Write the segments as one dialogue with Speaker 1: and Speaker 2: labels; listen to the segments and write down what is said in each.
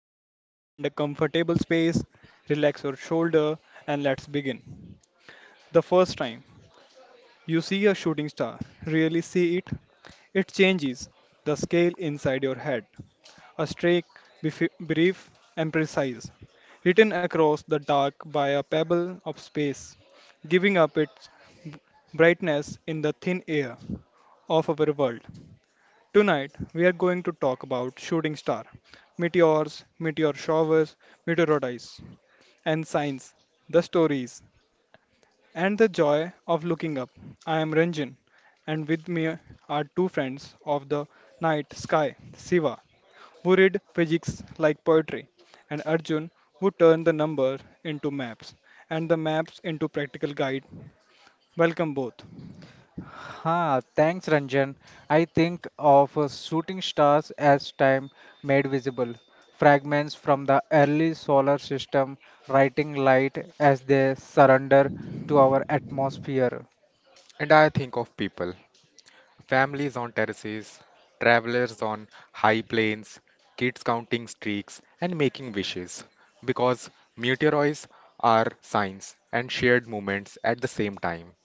Speaker 1: topic. Find a comfortable space, relax your shoulder, and let's begin. The first time. You see a shooting star, really see it. It changes the scale inside your head. A streak, brief and precise, written across the dark by a pebble of space, giving up its b- brightness in the thin air of our world. Tonight, we are going to talk about shooting star, meteors, meteor showers, meteorites, and science, the stories and the joy of looking up. I am Ranjan, and with me are two friends of the night sky, Siva, who read physics like poetry, and Arjun, who turned the number into maps and the maps into practical guide. Welcome both.
Speaker 2: Ha, thanks, Ranjan. I think of shooting stars as time made visible, fragments from the early solar system, writing light as they surrender to our atmosphere.
Speaker 3: And I think of people, families on terraces, travelers on high plains, kids counting streaks and making wishes, because meteoroids are signs and shared moments at the same time.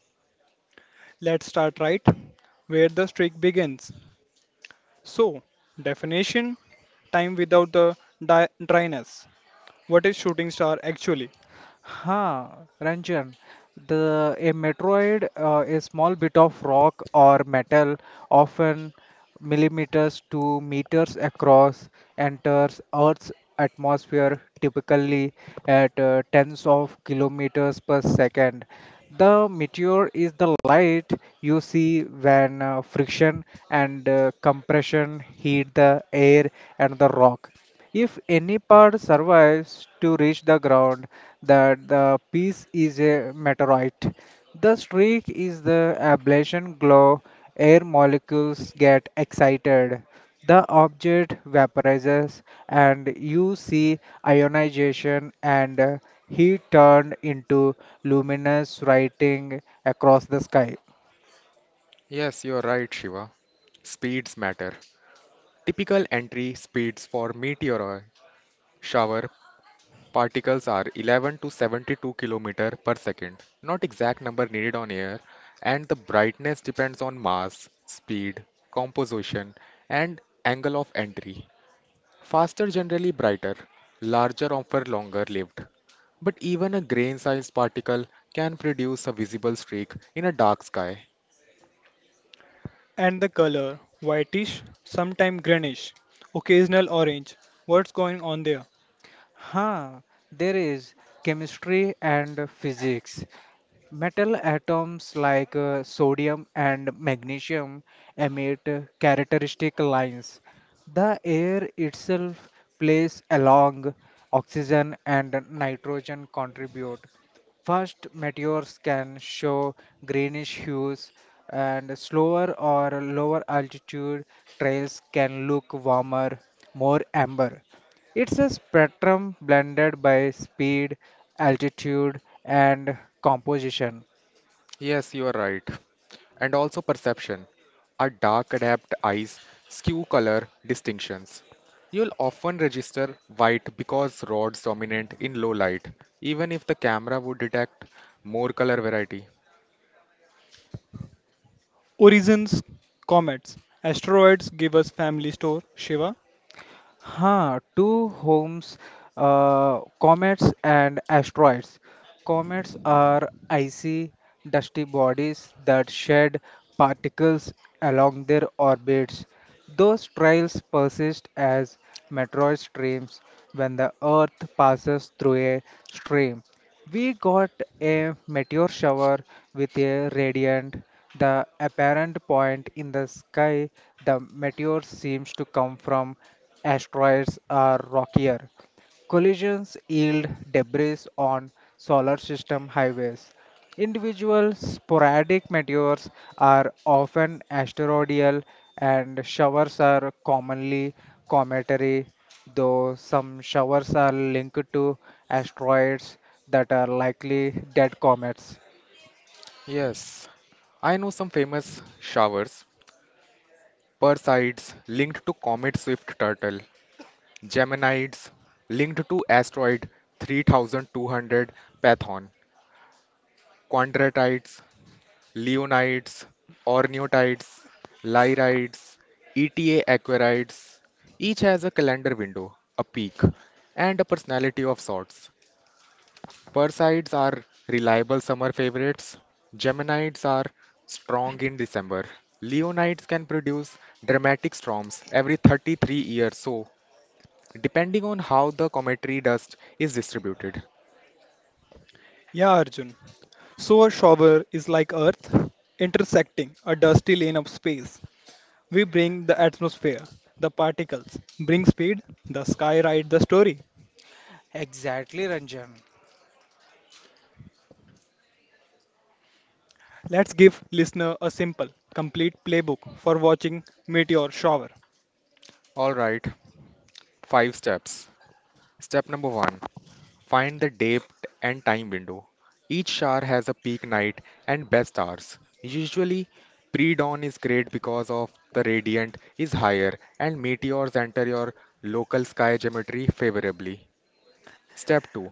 Speaker 1: Let's start right where the streak begins. So, definition time without the dryness. What is shooting star actually?
Speaker 2: Huh, Ranjan, the a metroid, a small bit of rock or metal, often millimeters to meters across, enters Earth's atmosphere typically at tens of kilometers per second. The meteor is the light you see when friction and compression heat the air and the rock. If any part survives to reach the ground, that the piece is a meteorite. The streak is the ablation glow. Air molecules get excited. The object vaporizes, and you see ionization and heat turned into luminous writing across the sky.
Speaker 3: Yes, you're right, Shiva. Speeds matter. Typical entry speeds for meteor shower particles are 11 to 72 km per second, not exact number needed on air, and the brightness depends on mass, speed, composition, and angle of entry. Faster generally brighter, larger offer longer lived. But even a grain-sized particle can produce a visible streak in a dark sky.
Speaker 1: And the color whitish, sometimes greenish, occasional orange. What's going on there?
Speaker 2: Huh, there is chemistry and physics. Metal atoms like sodium and magnesium emit characteristic lines. The air itself plays along oxygen and nitrogen contribute. First, meteors can show greenish hues, and slower or lower altitude trails can look warmer, more amber. It's a spectrum blended by speed, altitude, and composition.
Speaker 3: Yes, you are right. And also perception. Our dark adapt eyes skew color distinctions. You'll often register white because rod's dominant in low light, even if the camera would detect more color variety.
Speaker 1: Origins comets. Asteroids give us family store, Shiva.
Speaker 2: Huh, two homes, comets and asteroids. Comets are icy, dusty bodies that shed particles along their orbits. Those trails persist as meteor streams when the Earth passes through a stream. We got a meteor shower with a radiant, the apparent point in the sky. The meteor seems to come from asteroids or rockier. Collisions yield debris on solar system highways. Individual sporadic meteors are often asteroidal, and showers are commonly cometary, though some showers are linked to asteroids that are likely dead comets.
Speaker 3: Yes, I know some famous showers. Perseids linked to comet swift turtle. Geminids linked to asteroid 3200 Python. Quadratites leonids, ornithides, lyriids, ETA aquariids. Each has a calendar window, a peak, and a personality of sorts. Perseids are reliable summer favorites. Geminids are strong in December. Leonids can produce dramatic storms every 33 years, so depending on how the cometary dust is distributed.
Speaker 1: Yeah, Arjun. So a shower is like Earth intersecting a dusty lane of space. We bring the atmosphere, the particles, bring speed, the sky write the story.
Speaker 2: Exactly, Ranjan.
Speaker 1: Let's give listener a simple, complete playbook for watching meteor shower.
Speaker 3: All right, five steps. Step number one: find the depth and time window. Each shower has a peak night and best hours. Usually, pre dawn is great because of the radiant is higher and meteors enter your local sky geometry favorably. Step 2: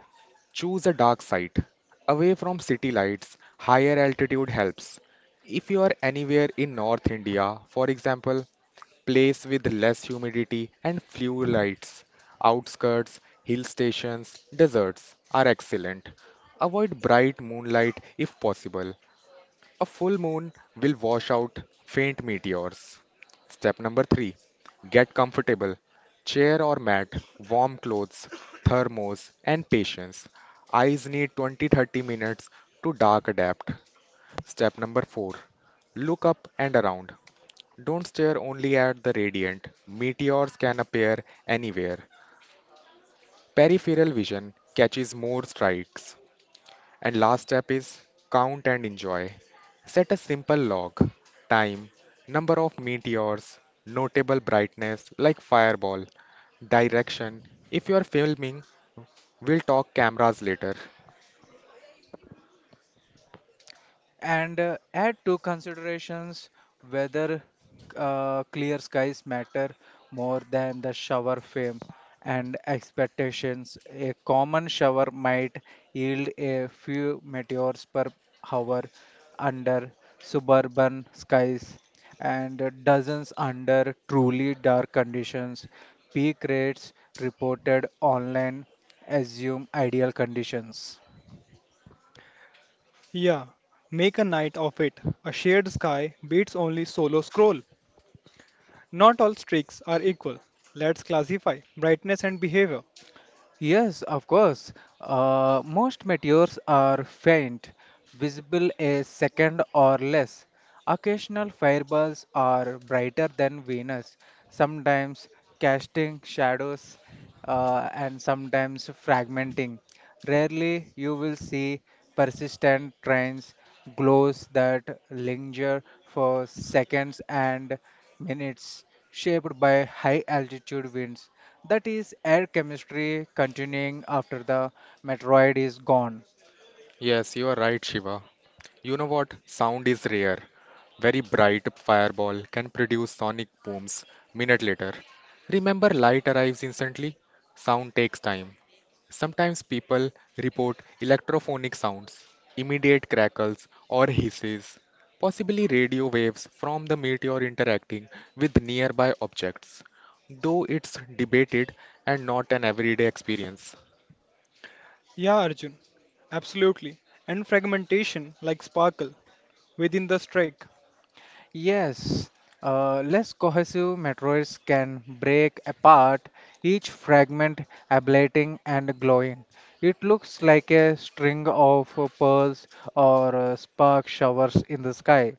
Speaker 3: choose a dark site. Away from city lights, higher altitude helps. If you are anywhere in North India, for example, place with less humidity and few lights, outskirts, hill stations, deserts are excellent. Avoid bright moonlight if possible. A full moon will wash out faint meteors. Step number three: get comfortable. Chair or mat, warm clothes, thermos, and patience. Eyes need 20 30 minutes to dark adapt. Step number four: look up and around. Don't stare only at the radiant. Meteors can appear anywhere. Peripheral vision catches more strikes. And last step is count and enjoy. Set a simple log time, number of meteors, notable brightness like fireball, direction. If you are filming, we'll talk cameras later.
Speaker 2: And add to considerations whether clear skies matter more than the shower fame and expectations. A common shower might yield a few meteors per hour under suburban skies and dozens under truly dark conditions. Peak rates reported online assume ideal conditions.
Speaker 1: Yeah, make a night of it. A shared sky beats only solo scroll. Not all streaks are equal. Let's classify brightness and behavior.
Speaker 2: Yes, of course. Most meteors are faint, visible a second or less. Occasional fireballs are brighter than Venus, sometimes casting shadows and sometimes fragmenting. Rarely you will see persistent trains, glows that linger for seconds and minutes, shaped by high altitude winds. That is air chemistry continuing after the meteoroid is gone.
Speaker 3: Yes, you are right, Shiva. You know what? Sound is rare. Very bright fireball can produce sonic booms minute later. Remember, light arrives instantly, sound takes time. Sometimes people report electrophonic sounds, immediate crackles or hisses, possibly radio waves from the meteor interacting with nearby objects, though it's debated and not an everyday experience.
Speaker 1: Yeah, Arjun, absolutely. And fragmentation like sparkle within the streak.
Speaker 2: Yes, less cohesive meteoroids can break apart, each fragment ablating and glowing. It looks like a string of pearls or spark showers in the sky.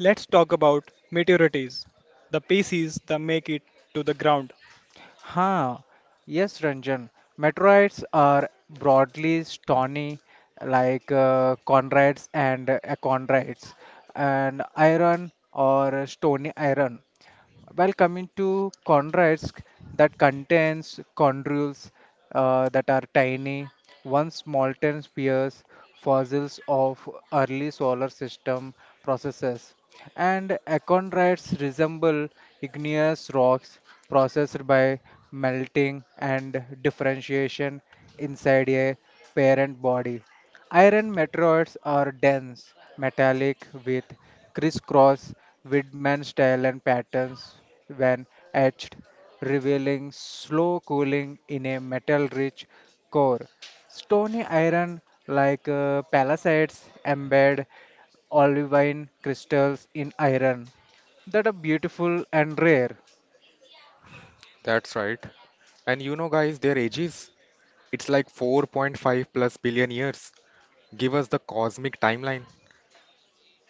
Speaker 1: Let's talk about meteorites, the pieces that make it to the ground.
Speaker 2: Huh. Yes, Ranjan. Meteorites are broadly stony, like chondrites and achondrites, and iron or stony iron. While coming to chondrites that contains chondrules that are tiny, once molten spheres, fossils of early solar system processes. And achondrites resemble igneous rocks processed by melting and differentiation inside a parent body. Iron meteoroids are dense, metallic, with crisscross Widman style and patterns when etched, revealing slow cooling in a metal rich core. Stony iron like palladides embed olivine crystals in iron that are beautiful and rare.
Speaker 3: That's right. And you know, guys, their ages? It's like 4.5 plus billion years. Give us the cosmic timeline.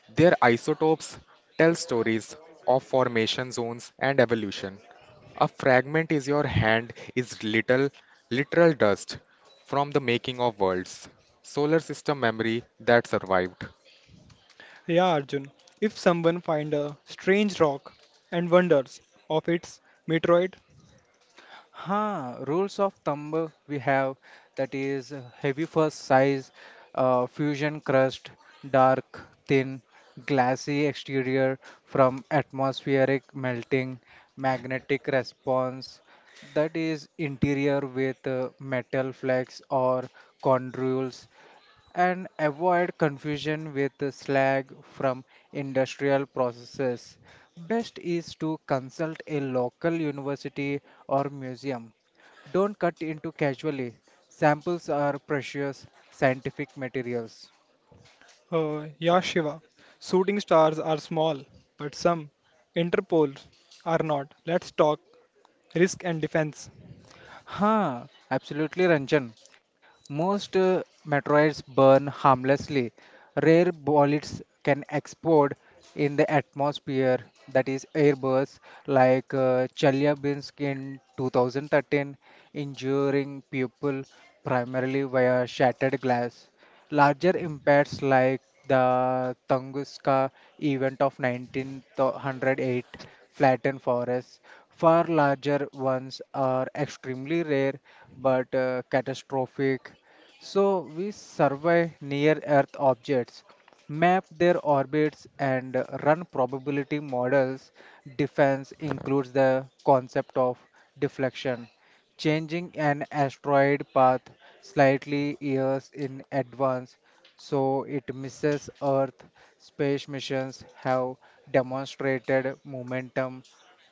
Speaker 3: Their isotopes tell stories of formation zones and evolution. A fragment is your hand is little literal dust from the making of worlds. Solar system memory that survived.
Speaker 1: Yeah, Arjun, if someone find a strange rock and wonders of its meteorite.
Speaker 2: Huh, rules of thumb we have that is heavy first size, fusion crust, dark, thin, glassy exterior from atmospheric melting, magnetic response that is interior with metal flex or chondrules and avoid confusion with the slag from industrial processes. Best is to consult a local university or museum. Don't cut into casually. Samples are precious scientific materials.
Speaker 1: Yeah, Shiva. Shooting stars are small, but some Interpol are not. Let's talk risk and defense.
Speaker 2: Huh, absolutely, Ranjan. Most meteorites burn harmlessly. Rare bullets can explode in the atmosphere, that is, airbursts like Chelyabinsk in 2013, injuring people primarily via shattered glass. Larger impacts like the Tunguska event of 1908 flattened forests. Far larger ones are extremely rare but catastrophic. So we survey near Earth objects, map their orbits, and run probability models. Defense includes the concept of deflection changing an asteroid path slightly years in advance so it misses Earth. Space missions have demonstrated momentum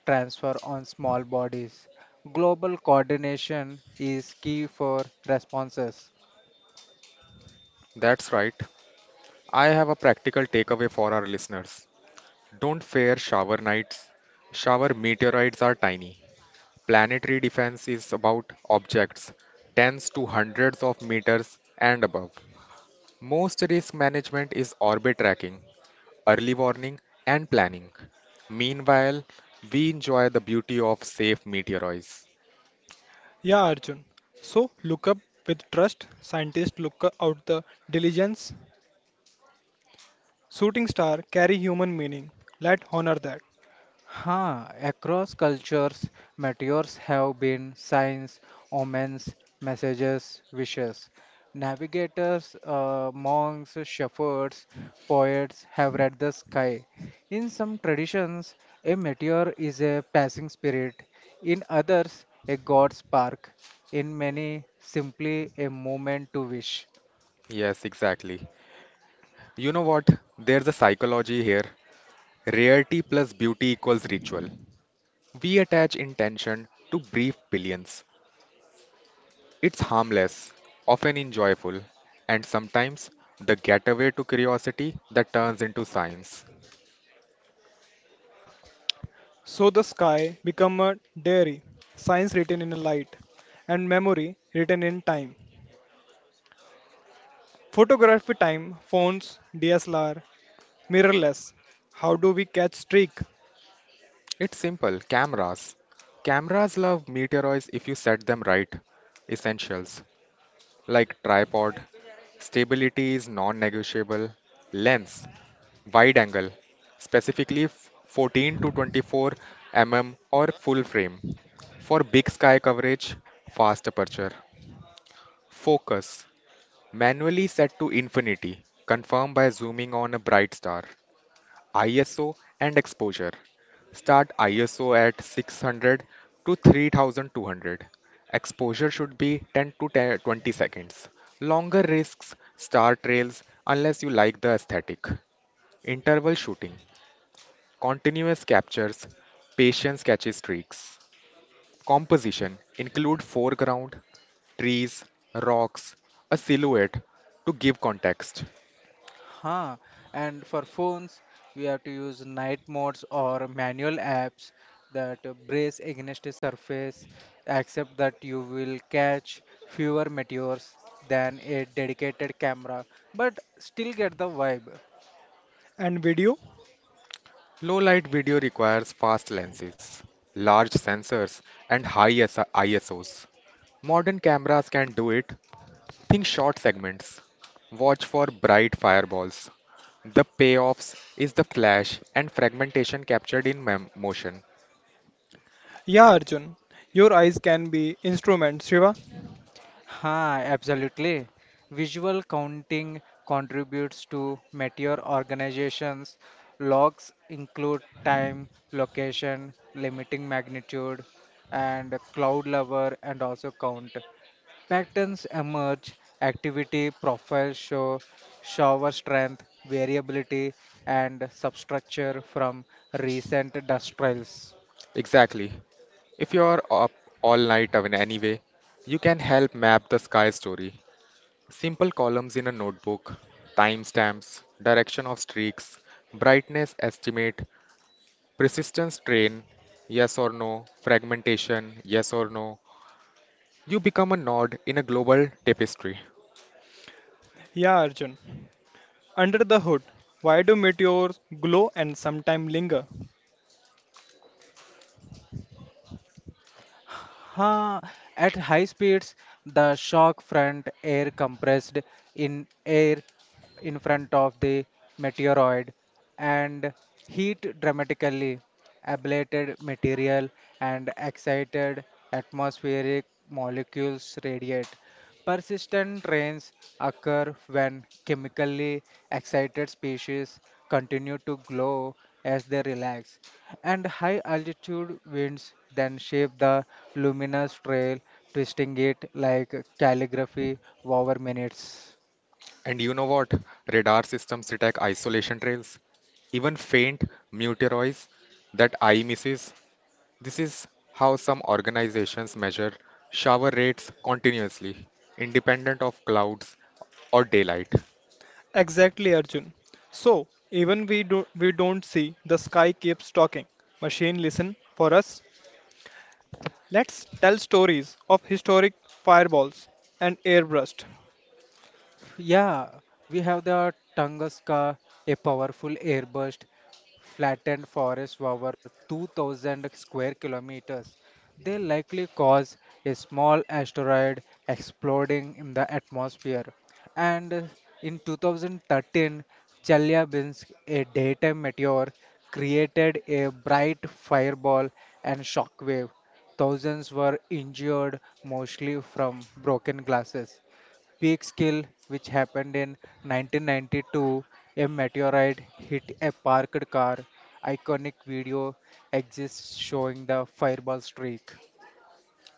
Speaker 2: transfer on small bodies. Global coordination is key for responses.
Speaker 3: That's right. I have a practical takeaway for our listeners. Don't fear shower nights. Shower meteorites are tiny. Planetary defense is about objects tens to hundreds of meters and above. Most risk management is orbit tracking, early warning, and planning. Meanwhile, we enjoy the beauty of safe meteoroids.
Speaker 1: Yeah, Arjun. So look up with trust. Scientists look out the diligence. Shooting star carry human meaning. Let honor that.
Speaker 2: Ha, across cultures, meteors have been signs, omens, messages, wishes. Navigators, monks, shepherds, poets have read the sky. In some traditions, a meteor is a passing spirit, in others, a god spark, in many, simply a moment to wish.
Speaker 3: Yes, exactly. You know what? There's a psychology here. Rarity plus beauty equals ritual. We attach intention to brief billions. It's harmless, often enjoyable, and sometimes the getaway to curiosity that turns into science.
Speaker 1: So the sky become a diary. Science written in light, and memory written in time. Photography time, phones, DSLR, mirrorless. How do we catch streak
Speaker 3: It's simple cameras. Cameras love meteoroids if you set them right. Essentials, like tripod. Stability is non-negotiable. Lens, wide angle, specifically 14 to 24 mm or full frame for big sky coverage, fast aperture. Focus, manually set to infinity, confirmed by zooming on a bright star. ISO and exposure. Start ISO at 600 to 3200. Exposure should be 10 to 10 20 seconds. Longer risks, star trails, unless you like the aesthetic. Interval shooting, continuous captures, patience catches streaks. Composition include foreground, trees, rocks, a silhouette to give context.
Speaker 2: Huh. And for phones, we have to use night modes or manual apps that brace against a surface, except that you will catch fewer meteors than a dedicated camera, but still get the vibe.
Speaker 1: and video?
Speaker 3: Low light video requires fast lenses, large sensors, and high ISOs. Modern cameras can do it. Think short segments. Watch for bright fireballs. The payoffs is the flash and fragmentation captured in motion.
Speaker 1: Yeah, Arjun. Your eyes can be instruments, Shiva.
Speaker 2: Ha, absolutely. Visual counting contributes to meteor organizations. Logs include time, location, limiting magnitude, and cloud level, and also count. Patterns emerge, activity profiles show shower strength, variability, and substructure from recent dust trails.
Speaker 3: Exactly. If you are up all night I mean, anyway, you can help map the sky story. Simple columns in a notebook, timestamps, direction of streaks, brightness estimate, persistence train, yes or no, fragmentation, yes or no. You become a node in a global tapestry.
Speaker 1: Yeah, Arjun. Under the hood, why do meteors glow and sometimes linger?
Speaker 2: Huh. At high speeds, the shock front air compressed in air in front of the meteoroid and heat dramatically ablated material and excited atmospheric molecules radiate. Persistent rains occur when chemically excited species continue to glow as they relax, and high altitude winds then shape the luminous trail, twisting it like calligraphy over minutes.
Speaker 3: And you know what? Radar systems detect isolation trails, even faint meteoroids that eye misses. This is how some organizations measure shower rates continuously, independent of clouds or daylight.
Speaker 1: Exactly, Arjun. So, even we don't see, the sky keeps talking. Machine listen for us. Let's tell stories of historic fireballs and airburst.
Speaker 2: Yeah, we have the Tunguska, a powerful airburst, flattened forest over 2,000 square kilometers. They likely cause a small asteroid exploding in the atmosphere. And in 2013, Chelyabinsk, a daytime meteor, created a bright fireball and shockwave. Thousands were injured, mostly from broken glasses peak skill, which happened in 1992. A meteorite hit a parked car. Iconic video exists showing the fireball streak.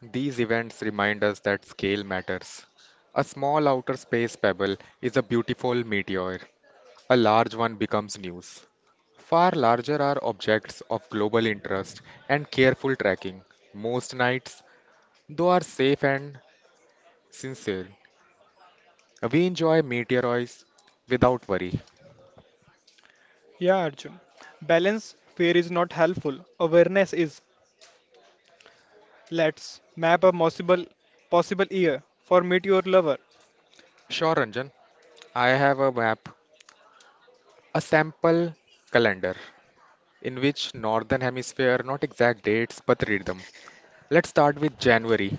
Speaker 3: These events remind us that scale matters. A small outer space pebble is a beautiful meteor, a large one becomes news. Far larger are objects of global interest and careful tracking. Most nights, though, are safe and sincere. We enjoy meteoroids without worry.
Speaker 1: Yeah, Arjun. Balance fear is not helpful. Awareness is. Let's map a possible year for meteor lover.
Speaker 3: Sure, Ranjan, I have a map, a sample calendar in which northern hemisphere, not exact dates, but read them. Let's start with January.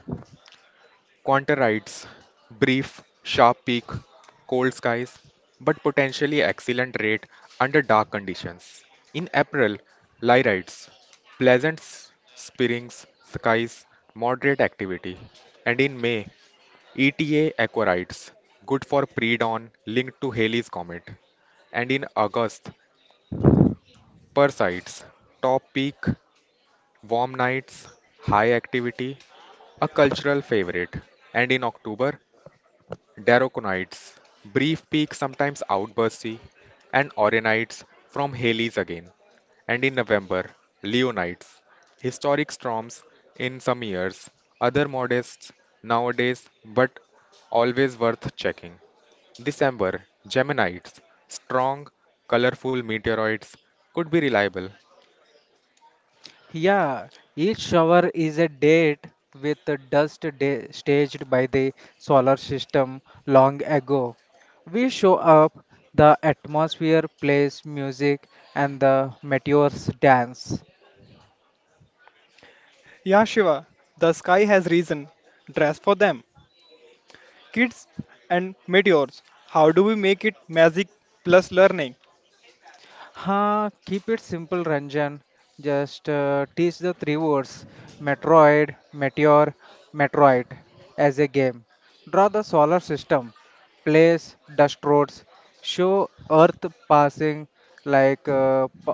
Speaker 3: Quantorides, brief, sharp peak, cold skies, but potentially excellent rate under dark conditions. In April, lyrides, pleasant spring skies, moderate activity. And in May, ETA aquarides, good for pre-dawn linked to Halley's Comet. And in August, Perseids, top peak, warm nights, high activity, a cultural favorite. And in October, Daraconites, brief peak sometimes outbursty, and Auranites from Halley's again. And in November, Leonites, historic storms in some years, other modest nowadays but always worth checking. December, Geminites, strong, colorful meteoroids could be reliable,
Speaker 2: Yeah, each shower is a date with the staged by the solar system long ago. We show up, the atmosphere plays music, and the meteors dance.
Speaker 1: Yeah, Shiva, the sky has reason. Dress for them. Kids and meteors. How do we make it magic plus learning?
Speaker 2: Ha, keep it simple, Ranjan. Just teach the three words Metroid, Meteor, Metroid as a game. Draw the solar system, place dust roads, show Earth passing like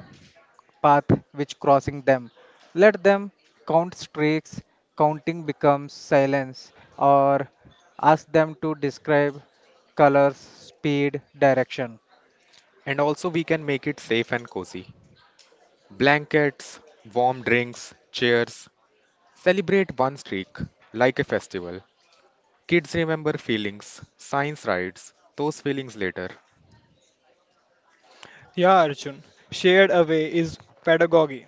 Speaker 2: path which crossing them. Let them count streaks, counting becomes silence, or ask them to describe colors, speed, direction.
Speaker 3: and also we can make it safe and cozy. Blankets, warm drinks, chairs, celebrate one streak like a festival. Kids remember feelings, science writes those feelings later,
Speaker 1: Yeah, Arjun, shared away is pedagogy.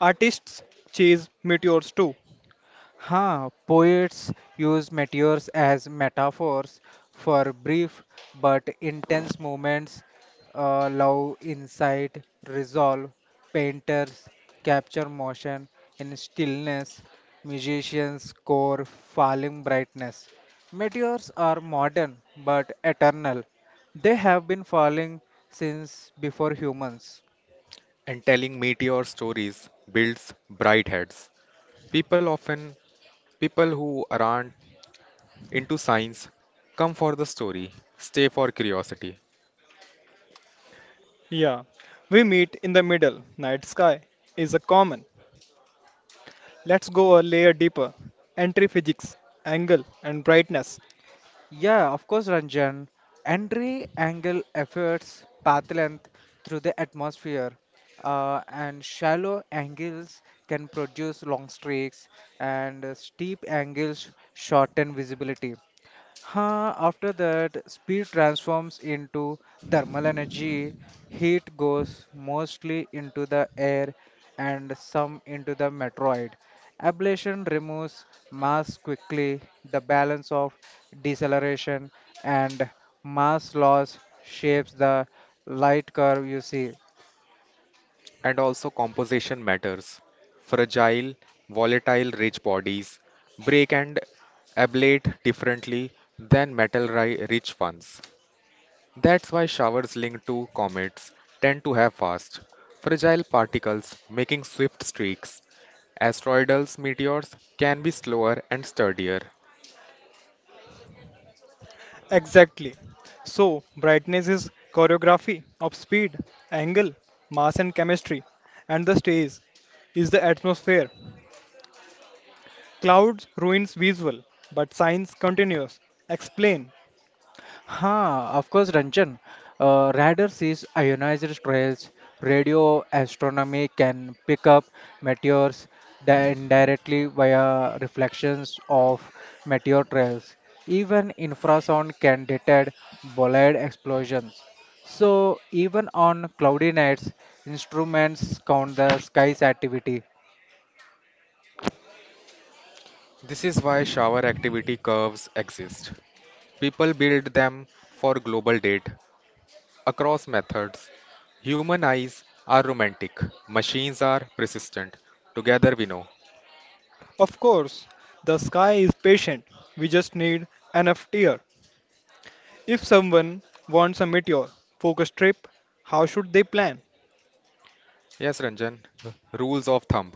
Speaker 1: Artists chase meteors too.
Speaker 2: Ha! Poets use meteors as metaphors for brief but intense moments, love, insight, resolve. Painters capture motion in stillness. Musicians score falling brightness. Meteors are modern but eternal. They have been falling since before humans.
Speaker 3: and telling meteor stories builds bright heads. People often, people who aren't into science, come for the story, stay for curiosity.
Speaker 1: Yeah, we meet in the middle. Night sky is a common. Let's go a layer deeper. Entry physics, angle, and brightness.
Speaker 2: Yeah, of course, Ranjan. Entry angle efforts path length through the atmosphere, and shallow angles can produce long streaks, and steep angles shorten visibility. Huh, after that, speed transforms into thermal energy, heat goes mostly into the air and some into the meteoroid. Ablation removes mass quickly, the balance of deceleration and mass loss shapes the light curve you see.
Speaker 3: And also, composition matters. Fragile, volatile, rich bodies break and ablate differently than metal rich ones. That's why showers linked to comets tend to have fast, fragile particles making swift streaks. Asteroidal meteors can be slower and sturdier.
Speaker 1: Exactly. So, brightness is choreography of speed, angle, mass, and chemistry, and the stage is the atmosphere. Clouds ruins visual, but science continues. Explain.
Speaker 2: Ha, of course, Ranjan. Radar sees ionized trails. Radio astronomy can pick up meteors indirectly via reflections of meteor trails. Even infrasound can detect bolide explosions. So, even on cloudy nights, instruments count the sky's activity.
Speaker 3: This is why shower activity curves exist. People build them for global date across methods. Human eyes are romantic, machines are persistent. Together we know.
Speaker 1: Of course, the sky is patient. We just need enough tear. If someone wants a meteor focus trip, how should they plan?
Speaker 3: Yes, Ranjan. Rules of thumb.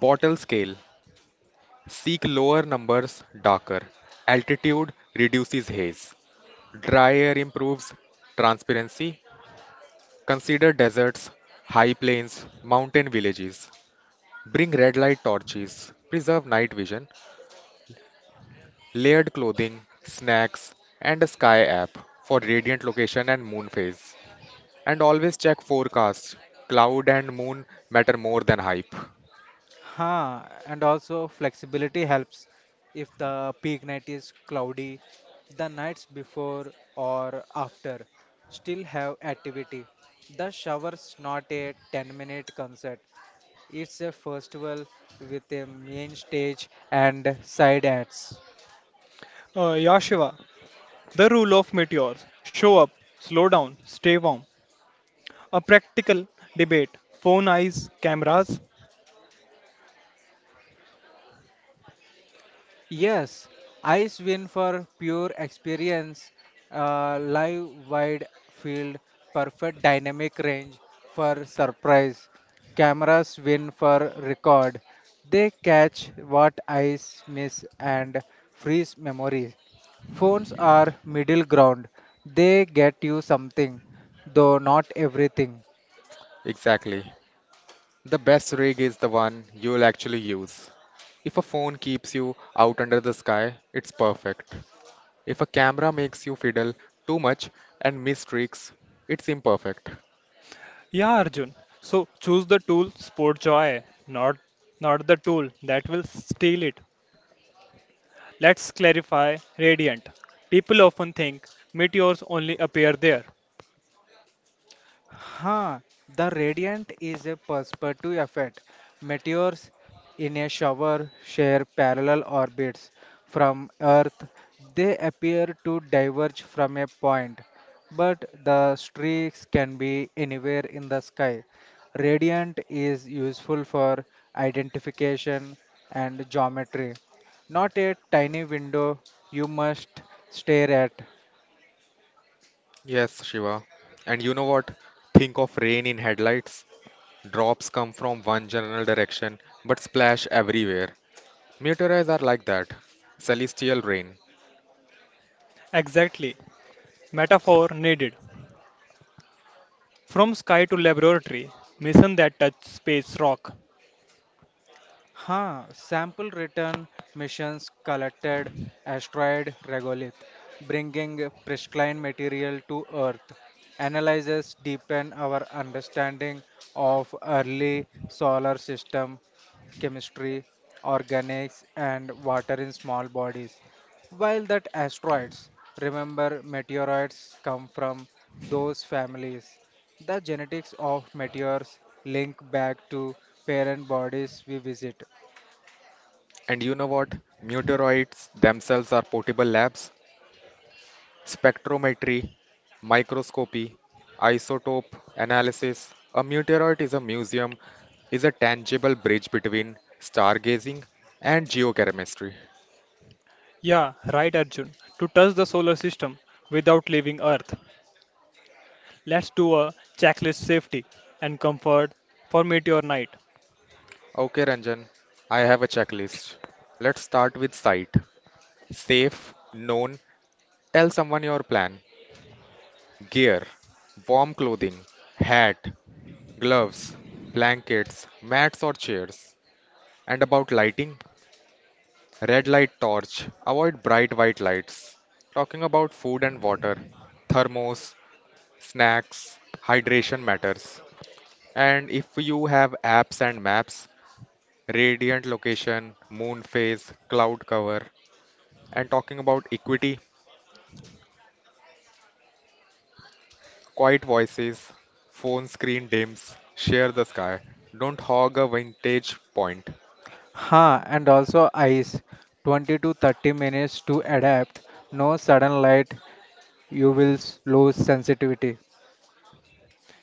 Speaker 3: Bottle scale. Seek lower numbers darker. Altitude reduces haze. Dry air improves transparency. Consider deserts, high plains, mountain villages. Bring red light torches. Preserve night vision. Layered clothing, snacks, and a sky app for radiant location and moon phase. And always check forecast. Cloud and moon matter more than hype.
Speaker 2: Huh, and also flexibility helps. If the peak night is cloudy, the nights before or after still have activity. The shower's not a 10-minute concert. It's a festival with a main stage and side acts.
Speaker 1: Yashiva, the rule of meteors: show up, slow down, stay warm. A practical debate. Phone eyes, cameras.
Speaker 2: Yes, ice win for pure experience, live wide field, perfect dynamic range for surprise. Cameras win for record. They catch what eyes miss and freeze memory. Phones are middle ground. They get you something, though not everything.
Speaker 3: Exactly. The best rig is the one you'll actually use. If a phone keeps you out under the sky, it's perfect. If a camera makes you fiddle too much and miss tricks, it's imperfect.
Speaker 1: Yeah, Arjun. So choose the tool sport joy, not the tool that will steal it. Let's clarify radiant. People often think meteors only appear there.
Speaker 2: Huh, the radiant is a perspective effect. Meteors in a shower share parallel orbits from Earth. They appear to diverge from a point, but the streaks can be anywhere in the sky. Radiant is useful for identification and geometry. Not a tiny window you must stare at.
Speaker 3: Yes, Shiva. And you know what? Think of rain in headlights. Drops come from one general direction but splash everywhere. Meteoroids are like that. Celestial rain.
Speaker 1: Exactly. Metaphor needed. From sky to laboratory, mission that touch space rock.
Speaker 2: Huh, sample return missions collected asteroid regolith, bringing pristine material to Earth. Analyzes deepen our understanding of early solar system chemistry, organics, and water in small bodies. While that asteroids, remember meteoroids come from those families. The genetics of meteors link back to parent bodies we visit.
Speaker 3: And you know what? Meteoroids themselves are portable labs. Spectrometry, microscopy, isotope analysis. A meteoroid is a museum is a tangible bridge between stargazing and geochemistry.
Speaker 1: Yeah, right, Arjun. To touch the solar system without leaving Earth. Let's do a checklist safety and comfort for meteor night.
Speaker 3: Okay, Ranjan, I have a checklist. Let's start with sight. Safe, known, tell someone your plan. Gear, warm clothing, hat, gloves, blankets, mats or chairs. And about lighting, red light torch, avoid bright white lights. Talking about food and water, thermos, snacks, hydration matters. And if you have apps and maps, radiant location, moon phase, cloud cover, and talking about equity, quiet voices, phone screen dims, share the sky, don't hog a vintage point.
Speaker 2: Huh, and also ice 20 to 30 minutes to adapt. No sudden light, you will lose sensitivity.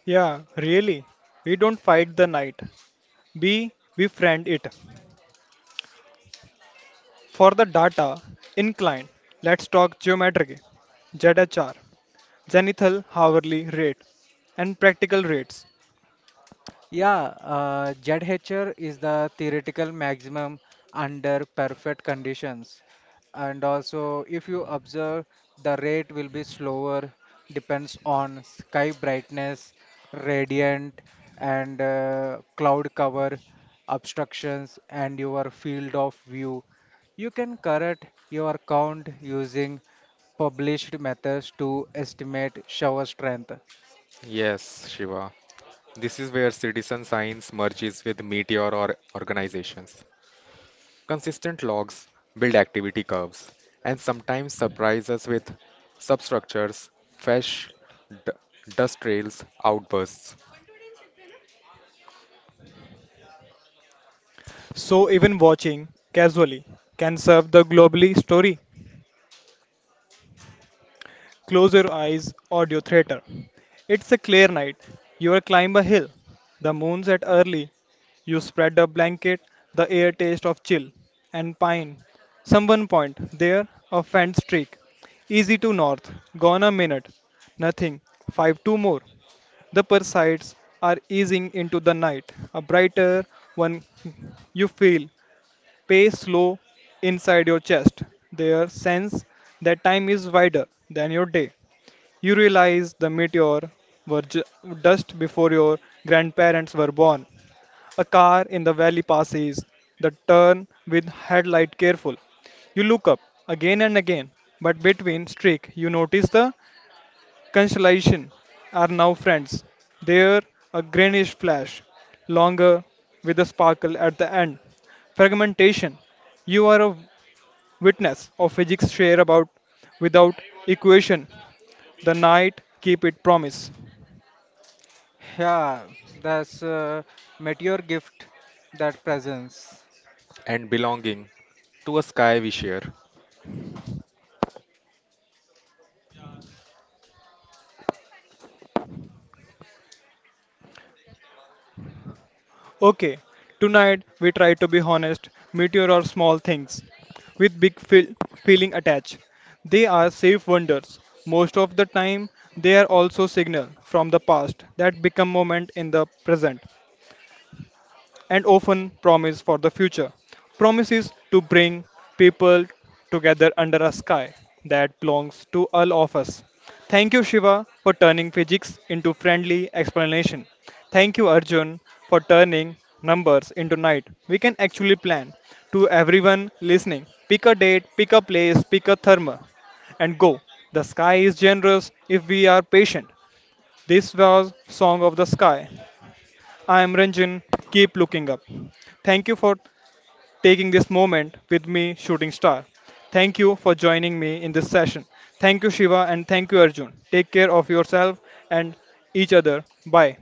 Speaker 1: Yeah, really. We don't fight the night. We befriend it. For the data, incline. Let's talk geometry, ZHR, zenithal hourly rate, and practical rates.
Speaker 2: Yeah, ZHR is the theoretical maximum under perfect conditions. And also, if you observe, the rate will be slower, depends on sky brightness, radiant, and cloud cover, obstructions, and your field of view. You can correct your count using published methods to estimate shower strength.
Speaker 3: Yes, Shiva. This is where citizen science merges with meteor or organizations. Consistent logs build activity curves and sometimes surprise us with substructures, fresh d- dust trails, outbursts,
Speaker 1: So even watching casually can serve the globally story. Close your eyes, audio theater. It's a clear night. You climb a hill. The moon's at early. You spread a blanket, the air taste of chill and pine. Someone point there a fan streak. Easy to north. Gone a minute. Nothing. Five two more. The Persides are easing into the night, a brighter one you feel pace slow inside your chest. Their sense that time is wider than your day. You realize the meteor were dust before your grandparents were born. A car in the valley passes, the turn with headlight careful. You look up again and again, but between streak you notice the Constellation are now friends. They're a greenish flash, longer with a sparkle at the end. Fragmentation. You are a witness of physics share about without equation. The night keep it promise.
Speaker 2: Yeah, that's meteor gift, that presence.
Speaker 3: and belonging to a sky we share.
Speaker 1: Okay, tonight we try to be honest, meteor or small things, with big feeling attached. They are safe wonders. Most of the time, they are also signal from the past that become moment in the present and often promise for the future. Promises to bring people together under a sky that belongs to all of us. Thank you, Shiva, for turning physics into friendly explanation. Thank you, Arjun, for turning numbers into night. We can actually plan. To everyone listening, pick a date, pick a place, pick a therma, and go. The sky is generous if we are patient. This was Song of the Sky. I am Ranjan. Keep looking up. Thank you for taking this moment with me, Shooting Star. Thank you for joining me in this session. Thank you, Shiva, and thank you, Arjun. Take care of yourself and each other. Bye.